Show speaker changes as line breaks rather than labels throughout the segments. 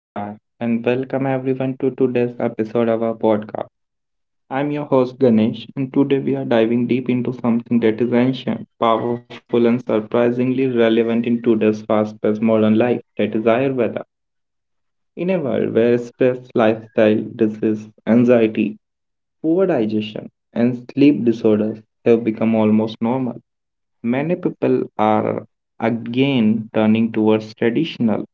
Namaskar and welcome everyone to today's episode of our podcast. I'm your host Ganesh and today we are diving deep into something that is ancient, powerful and surprisingly relevant in today's fast-paced modern life, that is Ayurveda. In a world where stress, lifestyle, disease, anxiety, poor digestion and sleep disorders have become almost normal, many people are again turning towards traditional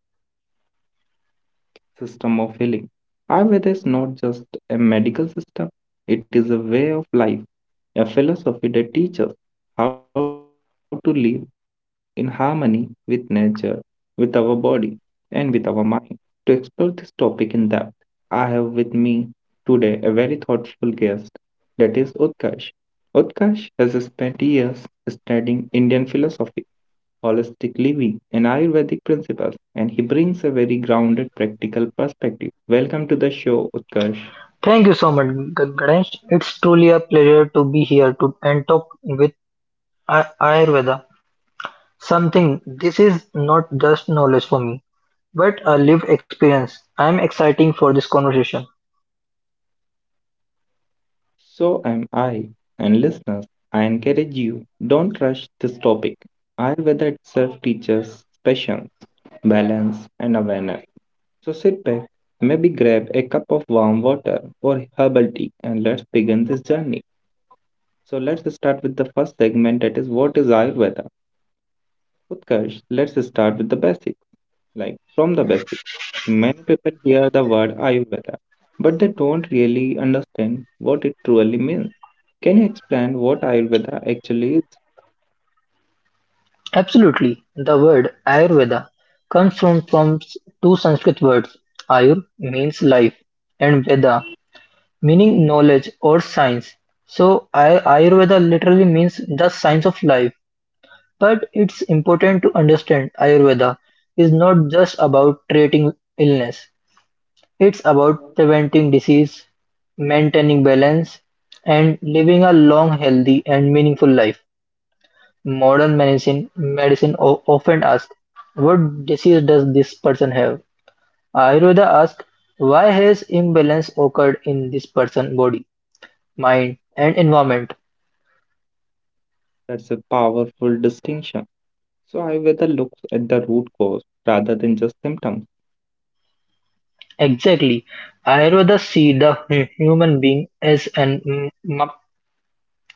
system of healing. Ayurveda is not just a medical system, it is a way of life, a philosophy that teaches how to live in harmony with nature, with our body, and with our mind. To explore this topic in depth, I have with me today a very thoughtful guest, that is Utkarsh. Utkarsh has spent years studying Indian philosophy holistic living, and Ayurvedic principles, and he brings a very grounded practical perspective. Welcome to the show, Utkarsh.
Thank you so much, Ganesh. It's truly a pleasure to be here to and talk with Ayurveda. Something this is not just knowledge for me, but a lived experience. I'm exciting for this conversation.
So am I, and listeners, I encourage you don't rush this topic. Ayurveda itself teaches patience, balance, and awareness. So sit back, maybe grab a cup of warm water or herbal tea, and let's begin this journey. So let's start with the first segment, that is what is Ayurveda? Utkarsh, let's start with the basics, like from the basics. Many people hear the word Ayurveda, but they don't really understand what it truly means. Can you explain what Ayurveda actually is?
Absolutely. The word Ayurveda comes from two Sanskrit words. Ayur means life and Veda meaning knowledge or science. So Ayurveda literally means the science of life. But it's important to understand Ayurveda is not just about treating illness, it's about preventing disease, maintaining balance, and living a long, healthy, and meaningful life. Modern medicine often asks, what disease does this person have? Ayurveda asks, why has imbalance occurred in this person's body, mind, and environment?
That's a powerful distinction. So Ayurveda looks at the root cause rather than just symptoms.
Exactly. Ayurveda see the human being as an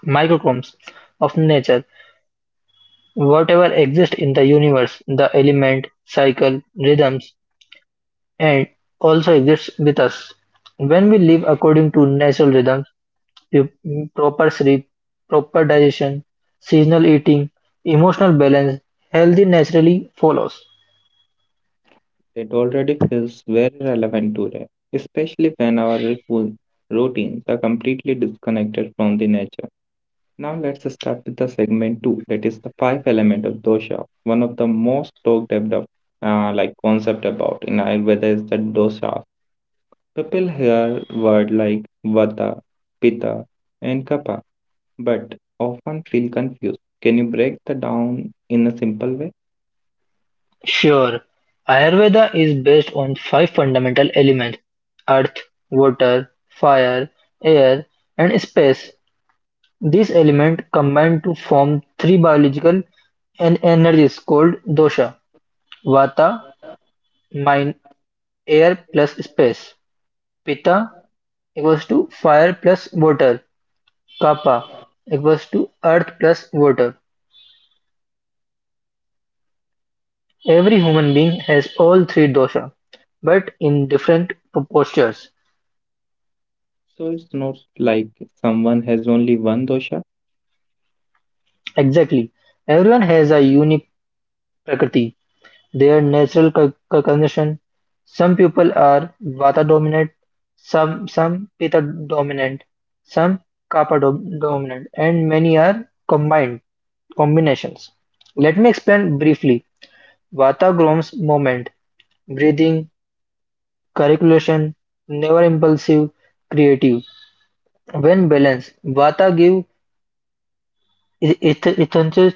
microchromes of nature, whatever exists in the universe, the element, cycle, rhythms, and also exists with us. When we live according to natural rhythms, p- proper sleep, proper digestion, seasonal eating, emotional balance, healthy naturally follows.
It already feels very relevant today, especially when our routines are completely disconnected from the nature. Now let's start with the segment 2, that is the five element of dosha. One of the most talked about, like concept about in Ayurveda is the dosha. People hear word like vata, pitta, and kapha, but often feel confused. Can you break that down in a simple way?
Sure, Ayurveda is based on five fundamental elements: earth, water, fire, air, and space. These elements combine to form three biological energies called dosha: vata mind, air plus space, pitta equals to fire plus water, kapha equals to earth plus water. Every human being has all three dosha, but in different postures.
So it's not like someone has only one dosha.
Exactly. Everyone has a unique prakriti. Their natural cognition: some people are vata-dominant, some pitta-dominant, some kapha-dominant, and many are combined combinations. Let me explain briefly. Vata grows movement, breathing, calculation, never impulsive, creative. When balanced, Vata give ethnicity,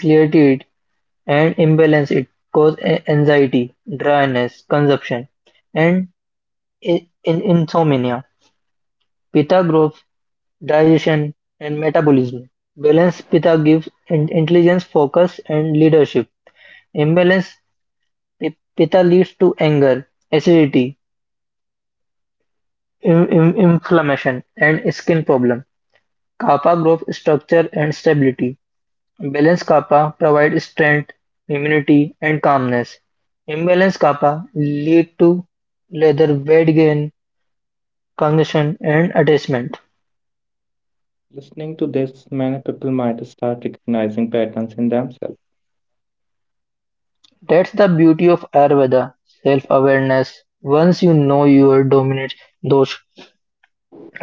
clarity, it and imbalance it cause anxiety, dryness, consumption, and in insomnia, pitta growth, digestion, and metabolism. Balanced pitta gives intelligence, focus, and leadership. Imbalance pitta leads to anger, acidity, inflammation, and skin problem. Kapha growth, structure, and stability. Balanced kapha provides strength, immunity, and calmness. Imbalanced kapha lead to leather weight gain, congestion, and attachment.
Listening to this, many people might start recognizing patterns in themselves.
That's the beauty of Ayurveda self awareness. Once you know your dominant dosh,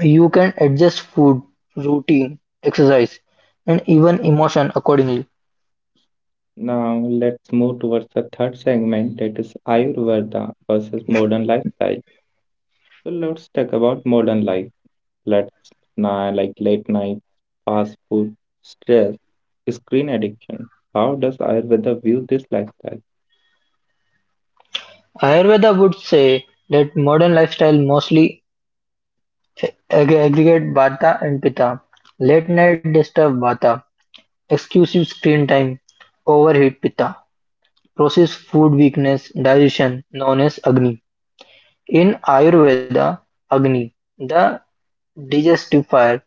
you can adjust food, routine, exercise, and even emotion accordingly.
Now, let's move towards the third segment, that is Ayurveda versus modern lifestyle. So, let's talk about modern life. Let's now like late night, fast food, stress, screen addiction. How does Ayurveda view this lifestyle?
Ayurveda would say that modern lifestyle mostly aggregate vata and pitta. Late night disturb vata, excessive screen time, overheat pitta, processed food weakness, digestion known as agni. In Ayurveda, agni, the digestive fire,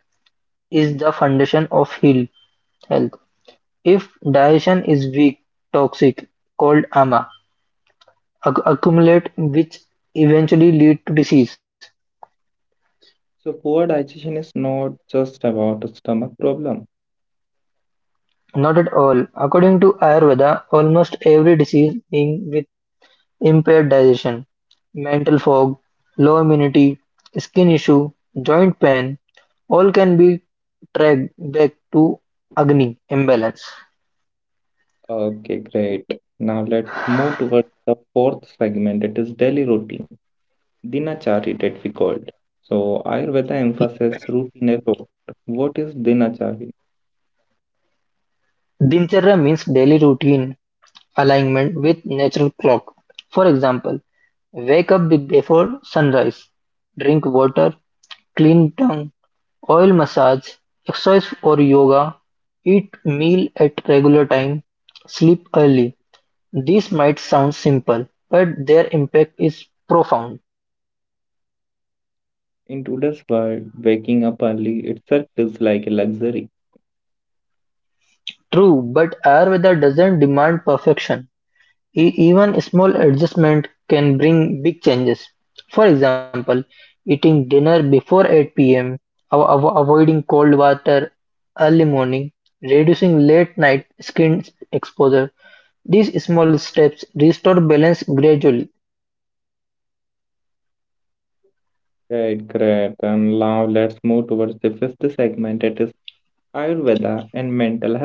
is the foundation of health. If digestion is weak, toxic, called ama, accumulate which eventually lead to disease.
So, poor digestion is not just about a stomach problem.
Not at all. According to Ayurveda, almost every disease being with impaired digestion, mental fog, low immunity, skin issue, joint pain, all can be tracked back to Agni imbalance.
Okay, great. Now let's move towards the fourth segment. It is daily routine, dinachari that we called. So Ayurveda emphasizes routine a. What is dinachari?
Dincharya means daily routine alignment with natural clock. For example, wake up before sunrise, drink water, clean tongue, oil massage, exercise or yoga, eat meal at regular time, sleep early. These might sound simple, but their impact is profound.
In today's world, waking up early itself is like a luxury.
True, but Ayurveda doesn't demand perfection. Even a small adjustment can bring big changes. For example, eating dinner before 8 p.m., avoiding cold water early morning, reducing late night screen exposure. These small steps restore balance gradually,
Great, great. And now let's move towards the fifth segment. It is Ayurveda and mental health.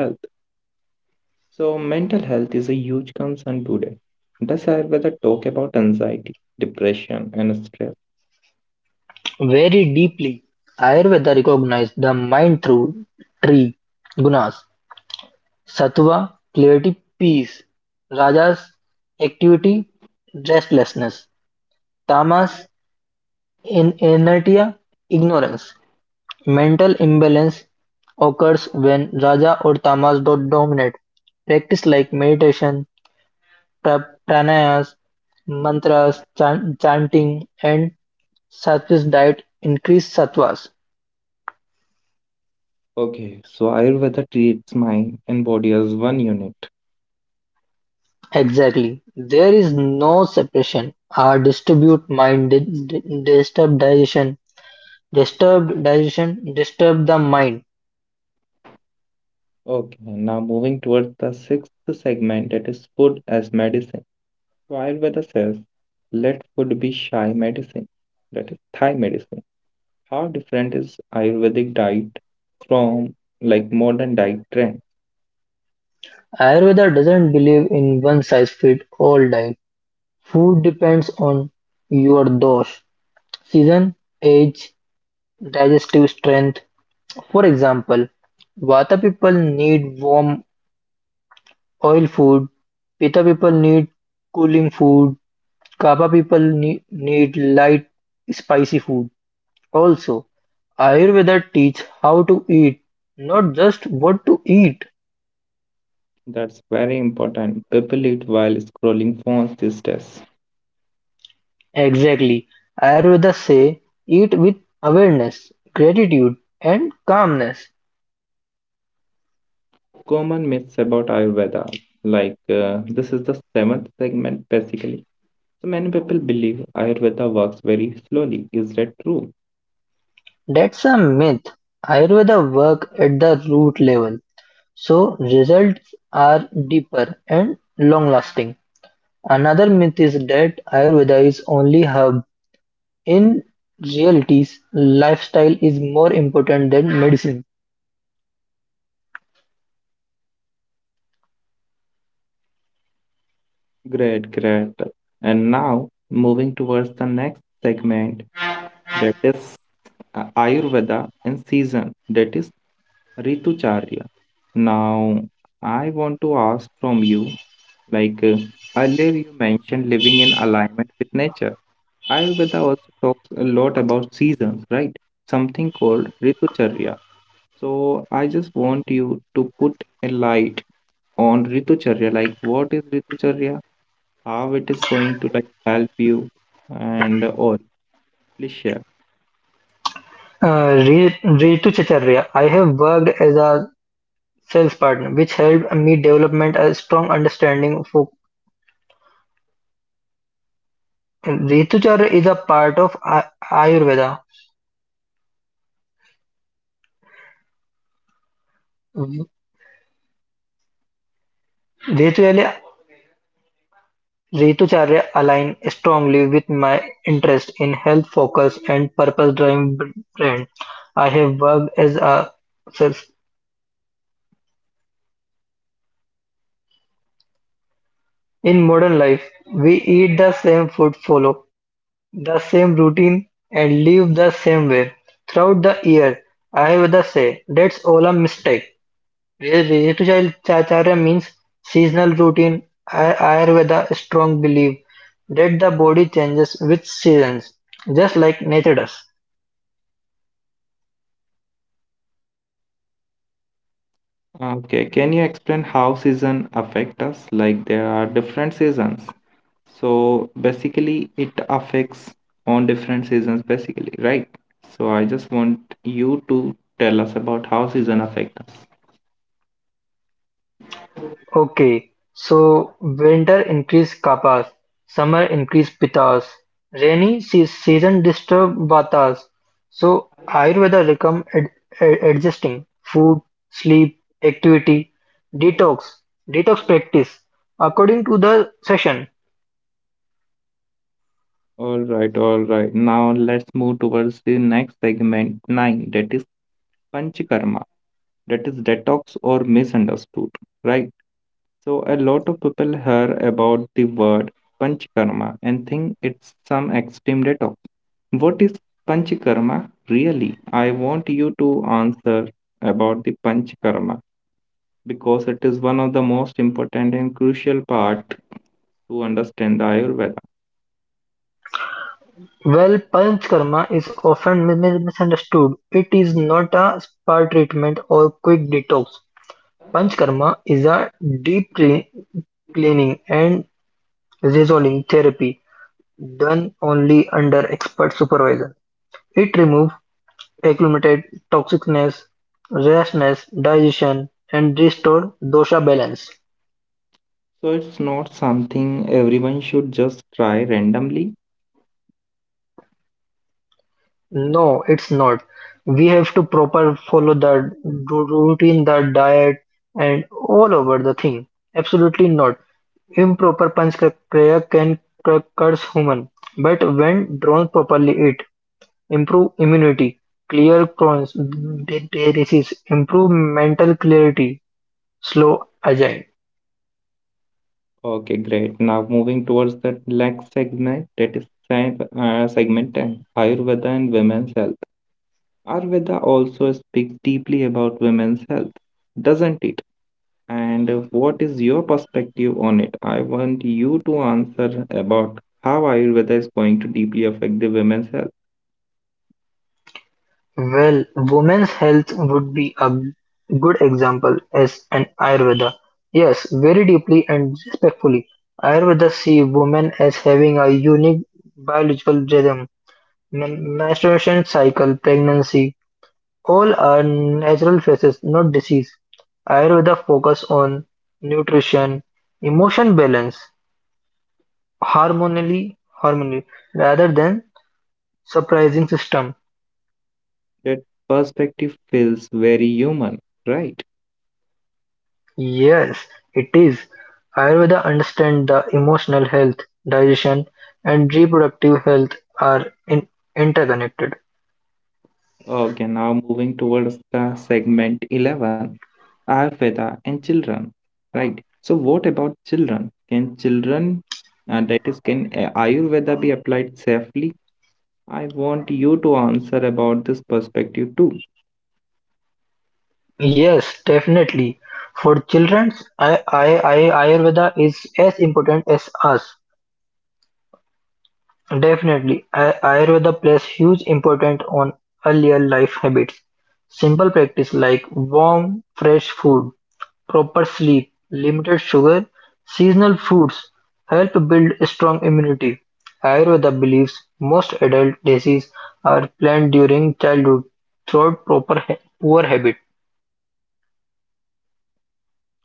So mental health is a huge concern today. Does Ayurveda talk about anxiety, depression, and stress?
very deeply. Ayurveda recognized the mind through three gunas: sattva, clarity, peace, rajas, activity, restlessness, tamas, In inertia, ignorance, mental imbalance occurs when rajas or tamas do dominate. Practice like meditation, pranayas, mantras, chanting, and sattvic diet increase sattvas.
Okay, so Ayurveda treats mind and body as one unit.
Exactly. There is no separation. Our distribute mind disturb digestion. Disturbed digestion disturb the mind.
Okay, now moving towards the sixth segment, that is food as medicine. So Ayurveda says, let food be shy medicine, that is Thai medicine. How different is Ayurvedic diet from like modern diet trend?
Ayurveda doesn't believe in one size fit all diet. Food depends on your dosh, season, age, digestive strength. For example, Vata people need warm oil food, Pitta people need cooling food, Kapha people need light spicy food. Also, Ayurveda teach how to eat, not just what to eat.
That's very important. People eat while scrolling phones these days.
Exactly. Ayurveda say eat with awareness, gratitude and calmness.
Common myths about Ayurveda, like this is the seventh segment basically. So many people believe Ayurveda works very slowly. Is that true?
That's a myth. Ayurveda work at the root level, so results are deeper and long lasting. Another myth is that Ayurveda is only herb. In realities, lifestyle is more important than medicine.
Great, great. And now moving towards the next segment, that is Ayurveda and season, that is Ritucharya. Now I want to ask from you, like earlier you mentioned living in alignment with nature. Ayurveda also talks a lot about seasons, right? Something called Ritucharya. So I just want you to put a light on Ritucharya, like what is Ritucharya, how it is going to like help you, and all. Please share.
Ritu Chacharya, I have worked as a sales partner, which helped me development a strong understanding for Ritu Chacharya is a part of Ayurveda. Ritu Ritucharya align strongly with my interest in health-focused and purpose-driven brand. I have worked as a chef. In modern life, we eat the same food, follow the same routine, and live the same way throughout the year. I have the say that's all a mistake. Ritucharya means seasonal routine. Ayurveda strong belief that the body changes with seasons, just like nature does.
Okay, can you explain how season affect us? Like there are different seasons. So basically it affects on different seasons basically, right? So I just want you to tell us about how season affect us.
Okay, so winter increase kapas, summer increase pitas, rainy season disturb vatas. So Ayurveda recommend adjusting food, sleep, activity, detox, detox practice according to the session.
All right, all right. Now let's move towards the next segment 9, that is panchakarma, that is detox or misunderstood, right? So a lot of people hear about the word panchakarma and think it's some extreme detox. What is panchakarma really? I want you to answer about the panchakarma because it is one of the most important and crucial part to understand the Ayurveda.
Well, Panchkarma is often misunderstood. It is not a spa treatment or quick detox. Panchkarma is a deep cleaning and resolving therapy done only under expert supervision. It removes accumulated toxicness, rashness, digestion, and restore dosha balance.
So it's not something everyone should just try randomly.
No, it's not. We have to proper follow the routine, the diet, and all over the thing. Absolutely not. Improper panch kriya can curse human, but when drawn properly, it improve immunity, clear Crohn's disease, improve mental clarity, slow Ajay.
Okay, great. Now moving towards the next segment, that is segment 10, Ayurveda and women's health. Ayurveda also speaks deeply about women's health, doesn't it? And what is your perspective on it? I want you to answer about how Ayurveda is going to deeply affect the women's health.
Well, women's health would be a good example as an Ayurveda. Yes, very deeply and respectfully. Ayurveda see women as having a unique biological rhythm, menstruation cycle, pregnancy, all are natural phases, not disease. Ayurveda focus on nutrition, emotion balance, harmoniously, harmony, rather than surprising system.
That perspective feels very human, right?
Yes, it is. Ayurveda understands the emotional health, digestion, and reproductive health are interconnected.
Okay, now moving towards the segment 11, Ayurveda and children, right? So what about children? Can children, that is, can Ayurveda be applied safely? I want you to answer about this perspective too.
Yes, definitely. For children, Ayurveda is as important as us. Definitely, Ayurveda plays huge importance on earlier life habits. Simple practice like warm, fresh food, proper sleep, limited sugar, seasonal foods help build strong immunity. Ayurveda believes most adult diseases are planned during childhood through proper poor habit.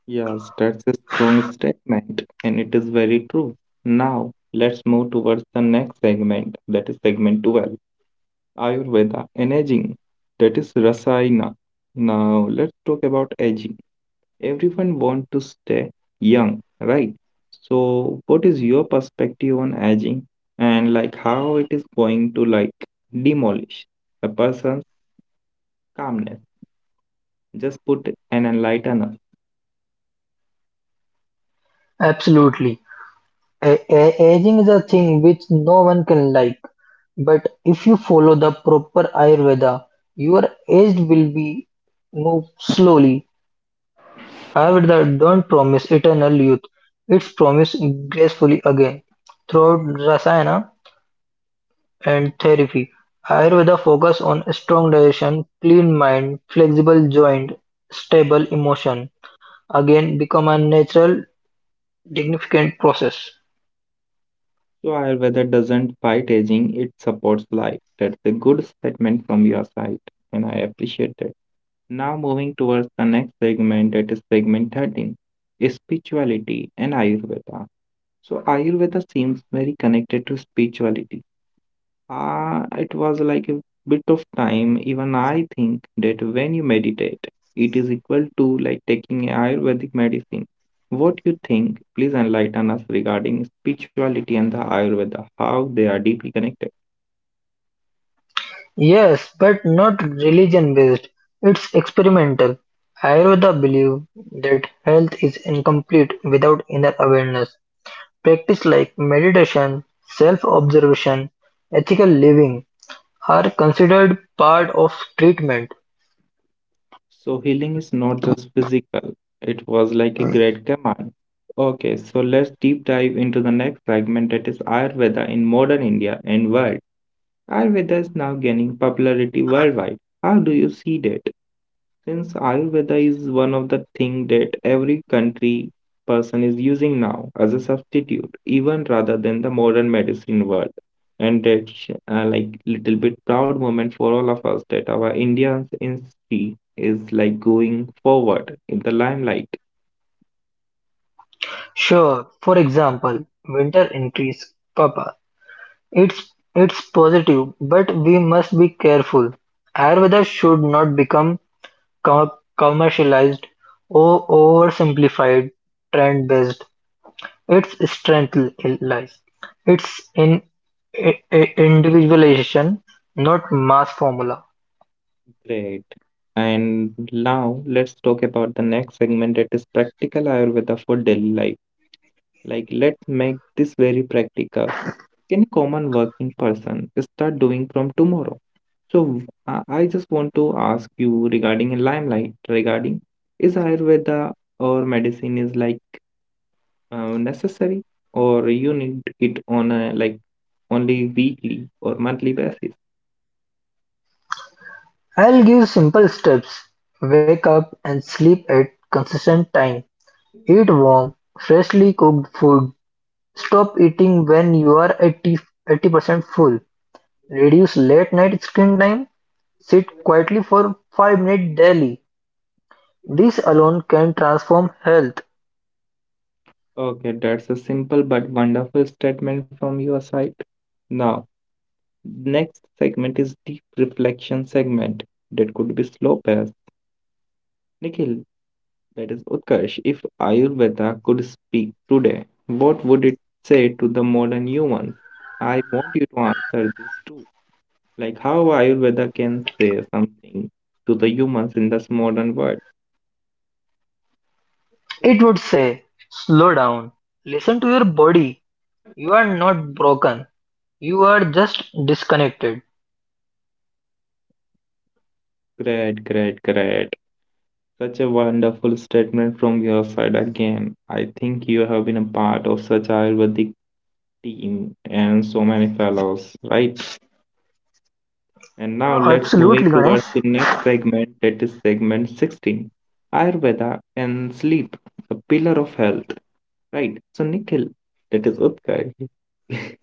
Yes, that's a strong statement and it is very true. Now, let's move towards the next segment, that is segment 12, Ayurveda and aging, that is Rasayana. Now, let's talk about aging. Everyone want to stay young, right? So what is your perspective on aging and like how it is going to like demolish a person's calmness? Just put an enlightener.
Absolutely. Aging is a thing which no one can like. But if you follow the proper Ayurveda, your age will be moved slowly. However, they don't promise eternal youth; it's promised gracefully again. Throughout Rasayana and therapy, Ayurveda focus on strong digestion, clean mind, flexible joint, stable emotion. Again, become a natural, significant process.
So Ayurveda doesn't fight aging, it supports life. That's a good statement from your side, and I appreciate it. Now moving towards the next segment, that is segment 13, is spirituality and Ayurveda. So Ayurveda seems very connected to spirituality. It was like a bit of time. Even I think that when you meditate, it is equal to like taking Ayurvedic medicine. What you think? Please enlighten us regarding spirituality and the Ayurveda, how they are deeply connected.
Yes, but not religion based. It's experimental. Ayurveda believes that health is incomplete without inner awareness. Practices like meditation, self-observation, ethical living are considered part of treatment.
So healing is not just physical. It was like a great command. Okay, so let's deep dive into the next segment, that is Ayurveda in modern India and world. Ayurveda is now gaining popularity worldwide. How do you see that? Since Ayurveda is one of the things that every country person is using now as a substitute, even rather than the modern medicine world. And that's like little bit proud moment for all of us that our Indian industry is like going forward in the limelight.
Sure, for example, winter increase Papa. It's it's positive, but we must be careful. Ayurveda should not become com- commercialized or oversimplified, trend-based. Its strength lies. It's in individualization, not mass formula.
Great. And now let's talk about the next segment, that is practical Ayurveda for daily life. Like, let's make this very practical. Can a common working person start doing from tomorrow? So, I just want to ask you regarding a limelight, regarding is Ayurveda or medicine is like necessary, or you need it on a like only weekly or monthly basis?
I'll give simple steps: wake up and sleep at consistent time, eat warm, freshly cooked food, stop eating when you are 80% full, reduce late night screen time, sit quietly for 5 minutes daily. This alone can transform health.
Okay, that's a simple but wonderful statement from your side. Now, next segment is deep reflection segment that could be slow as Nikhil, that is Utkarsh. If Ayurveda could speak today, what would it say to the modern humans? I want you to answer this too. Like how Ayurveda can say something to the humans in this modern world.
It would say, slow down, listen to your body. You are not broken. You are just disconnected.
Great, great, great. Such a wonderful statement from your side again. I think you have been a part of such Ayurvedic team and so many fellows, right? And now let's moving
Absolutely,
towards the
Ganesh.
next segment, that is segment 16. Ayurveda and sleep, the pillar of health. Right. So Nikhil, that is Utkarsh.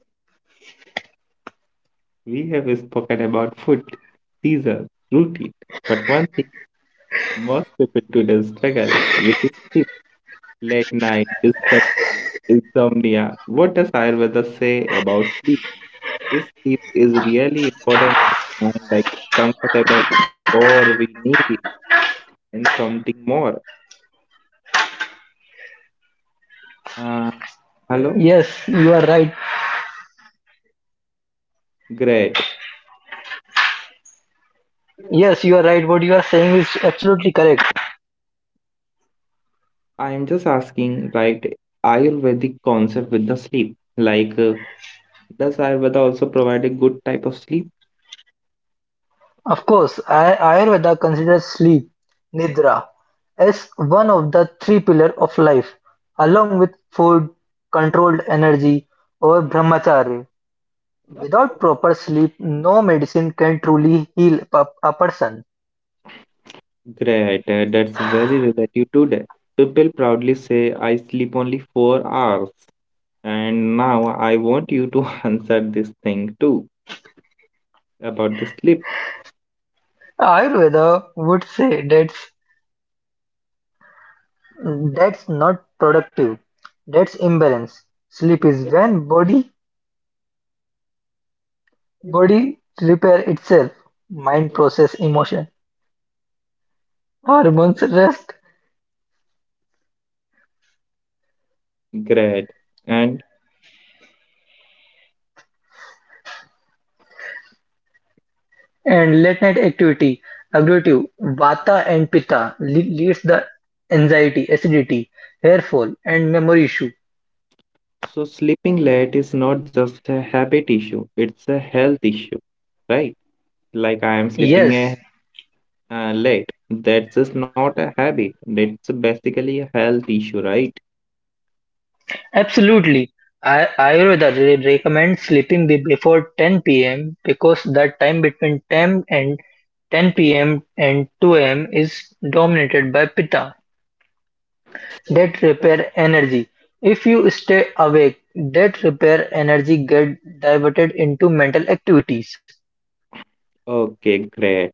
We have spoken about food, season, routine, but one thing most people today struggle with is sleep, late night, disturbed sleep, insomnia. What does Ayurveda say about sleep? Is sleep is really important and like comfortable, or we need it? And something more. Uh, Hello,
Yes, you are right.
great.
Yes, you are right. What you are saying is absolutely correct.
I am just asking, like Ayurvedic concept with the sleep. Like, does Ayurveda also provide a good type of sleep?
Of course, Ayurveda considers sleep, nidra, as one of the three pillars of life, along with food, controlled energy, or brahmacharya. Without proper sleep, no medicine can truly heal a person.
Great, that's very relative today. People proudly say, I sleep only 4 hours. And now I want you to answer this thing too about the sleep.
Ayurveda would say that's not productive. That's imbalance. Sleep is when body repair itself, mind process emotion hormones, rest,
Great. And
and late-night activity agree Vata and Pitta leads the anxiety, acidity, hair fall, and memory issue.
so sleeping late is not just a habit issue, it's a health issue, right? Like I am. Yes. Sleeping
Yes,
late. That's just not a habit. That's basically a health issue, right?
absolutely. I Ayurveda recommends sleeping before 10 p.m. because that time between 10 and 10 p.m. and 2 a.m. is dominated by Pitta that repair energy. If you stay awake, that repair energy get diverted into mental activities.
Okay, great.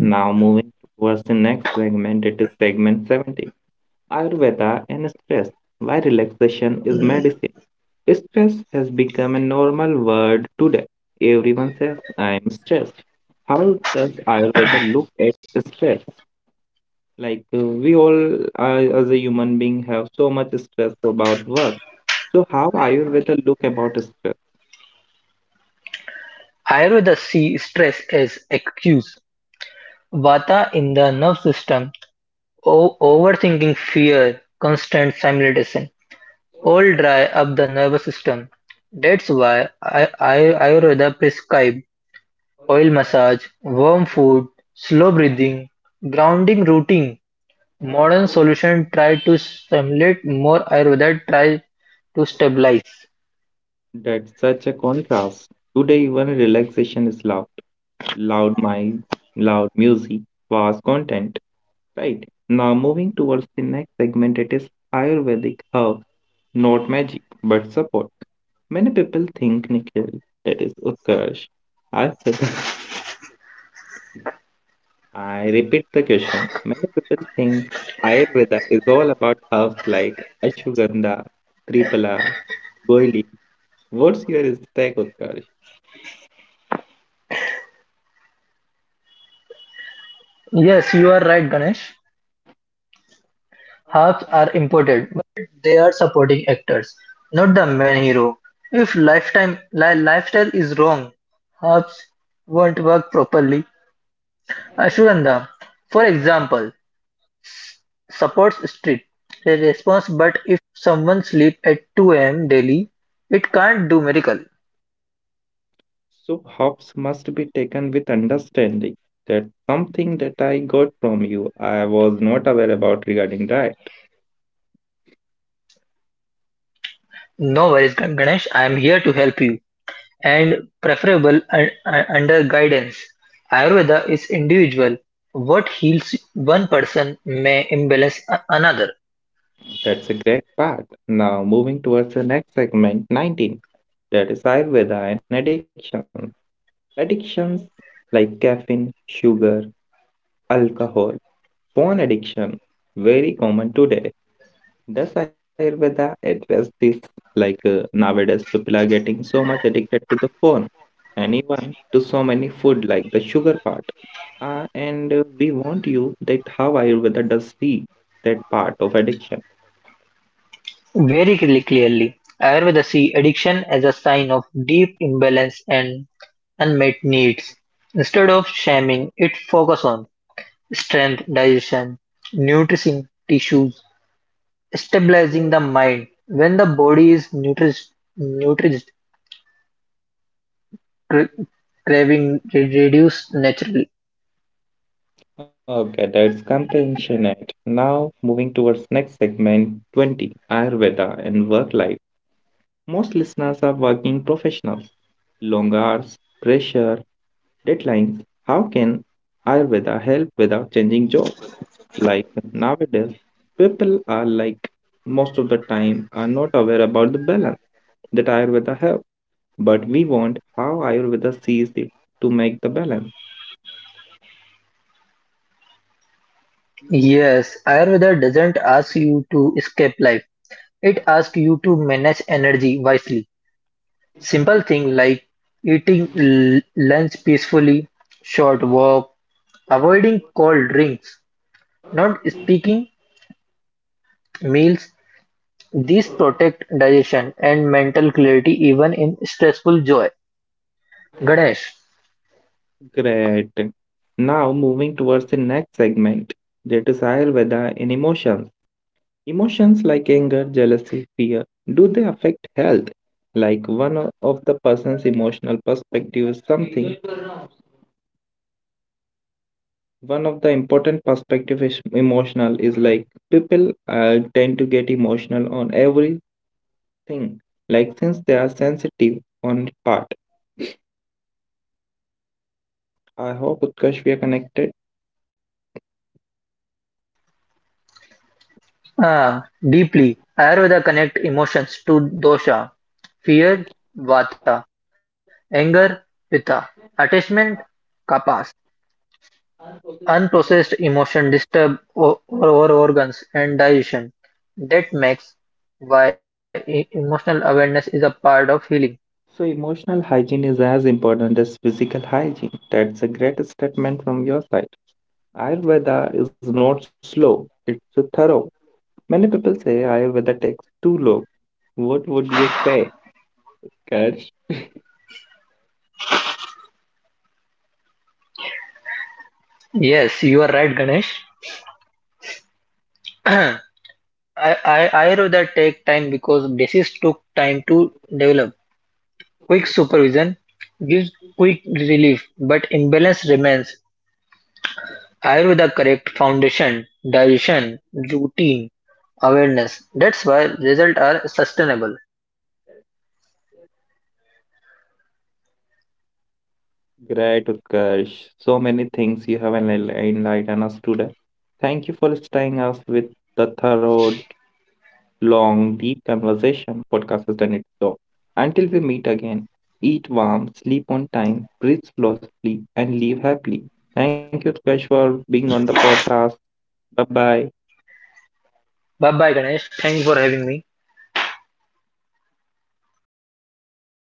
Now moving towards the next segment, it is segment 17. Ayurveda and stress. Why relaxation is medicine. Stress has become a normal word today. Everyone says, I am stressed. How does Ayurveda look at stress? Like we all as a human being have so much stress about work. So how Ayurveda look about stress?
Aerodacty stress is excuse. Vata in the nerve system, overthinking, fear, constant stimulation, all dry up the nervous system. That's why Ayurveda prescribe oil massage, warm food, slow breathing, grounding routine. Modern solution try to stimulate more Ayurveda try to stabilize.
That's such a contrast. Today even relaxation is loud. Loud mind, loud music, fast content. Right. Now moving towards the next segment, it is Ayurvedic herbs, not magic, but support. Many people think Nikhil, that is Utkarsh, Ayurveda. I repeat the question. Many people think Ayurveda is all about herbs like Ashwagandha, Tripala, Goili. What's your take, Utkarsh?
Yes, you are right, Ganesh. Harps are important, but they are supporting actors, not the main hero. If lifetime lifestyle is wrong, harps won't work properly. Ashwagandha, for example, supports street response, but if someone sleeps at 2 a.m. daily, it can't do miracle.
So hops must be taken with understanding. That's something that I got from you. I was not aware about regarding that.
No worries, Ganesh. I am here to help you. And preferable under guidance. Ayurveda is individual. What heals one person may imbalance another.
That's a great part. Now, moving towards the next segment 19, that is Ayurveda and addiction. Addictions like caffeine, sugar, alcohol, phone addiction, very common today. Does Ayurveda address this? Like nowadays, people are getting so much addicted to the phone and even to so many food, like the sugar part. And we want you that how Ayurveda does see that part of addiction.
Very clearly, Ayurveda see addiction as a sign of deep imbalance and unmet needs. Instead of shaming, it focus on strength, digestion, nourishing tissues, stabilizing the mind. When the body is nourished, cra- craving reduce naturally.
Okay, that's compassionate. Now, moving towards next segment 20. Ayurveda and work life. Most listeners are working professionals. Long hours, pressure, deadlines. How can Ayurveda help without changing job? Like nowadays, people are like most of the time are not aware about the balance that Ayurveda have, but we want how Ayurveda sees it to make the balance.
Yes, Ayurveda doesn't ask you to escape life. It asks to manage energy wisely. Simple things like eating lunch peacefully, short walk, avoiding cold drinks, not speaking meals. These protect digestion and mental clarity even in stressful joy, Ganesh.
Great. Now moving towards the next segment, they desire weather in emotions. Emotions like anger, jealousy, fear, do they affect health? Like one of the person's emotional perspective is something. One of the important perspective is emotional is like people tend to get emotional on everything. Like since they are sensitive on part. I hope Utkarsh we are connected.
Ah, deeply. Ayurveda connect emotions to dosha. Fear, vata. Anger, pitta. Attachment, kapas. Unprocessed emotion disturb our organs and digestion. That makes why emotional awareness is a part of healing.
So, emotional hygiene is as important as physical hygiene. That's a great statement from your side. Ayurveda is not slow, it's thorough. Many people say Ayurveda takes too long. What would you say, Karsh?
Yes, you are right, Ganesh. I, Ayurveda take time because disease took time to develop. Quick supervision gives quick relief, but imbalance remains. Ayurveda correct foundation, digestion, routine, awareness. That's why results are sustainable.
Great, Utkarsh. So many things you have enlightened us today. Thank you for staying us with the thorough, long, deep conversation. If even one sentence from this episode made you pause and reflect, then this podcast has done its job. Until we meet again, eat warm, sleep on time, breathe slowly, and live happily. Thank you, Utkarsh, for being on the podcast. Bye bye.
Bye bye Ganesh. Thanks for having me.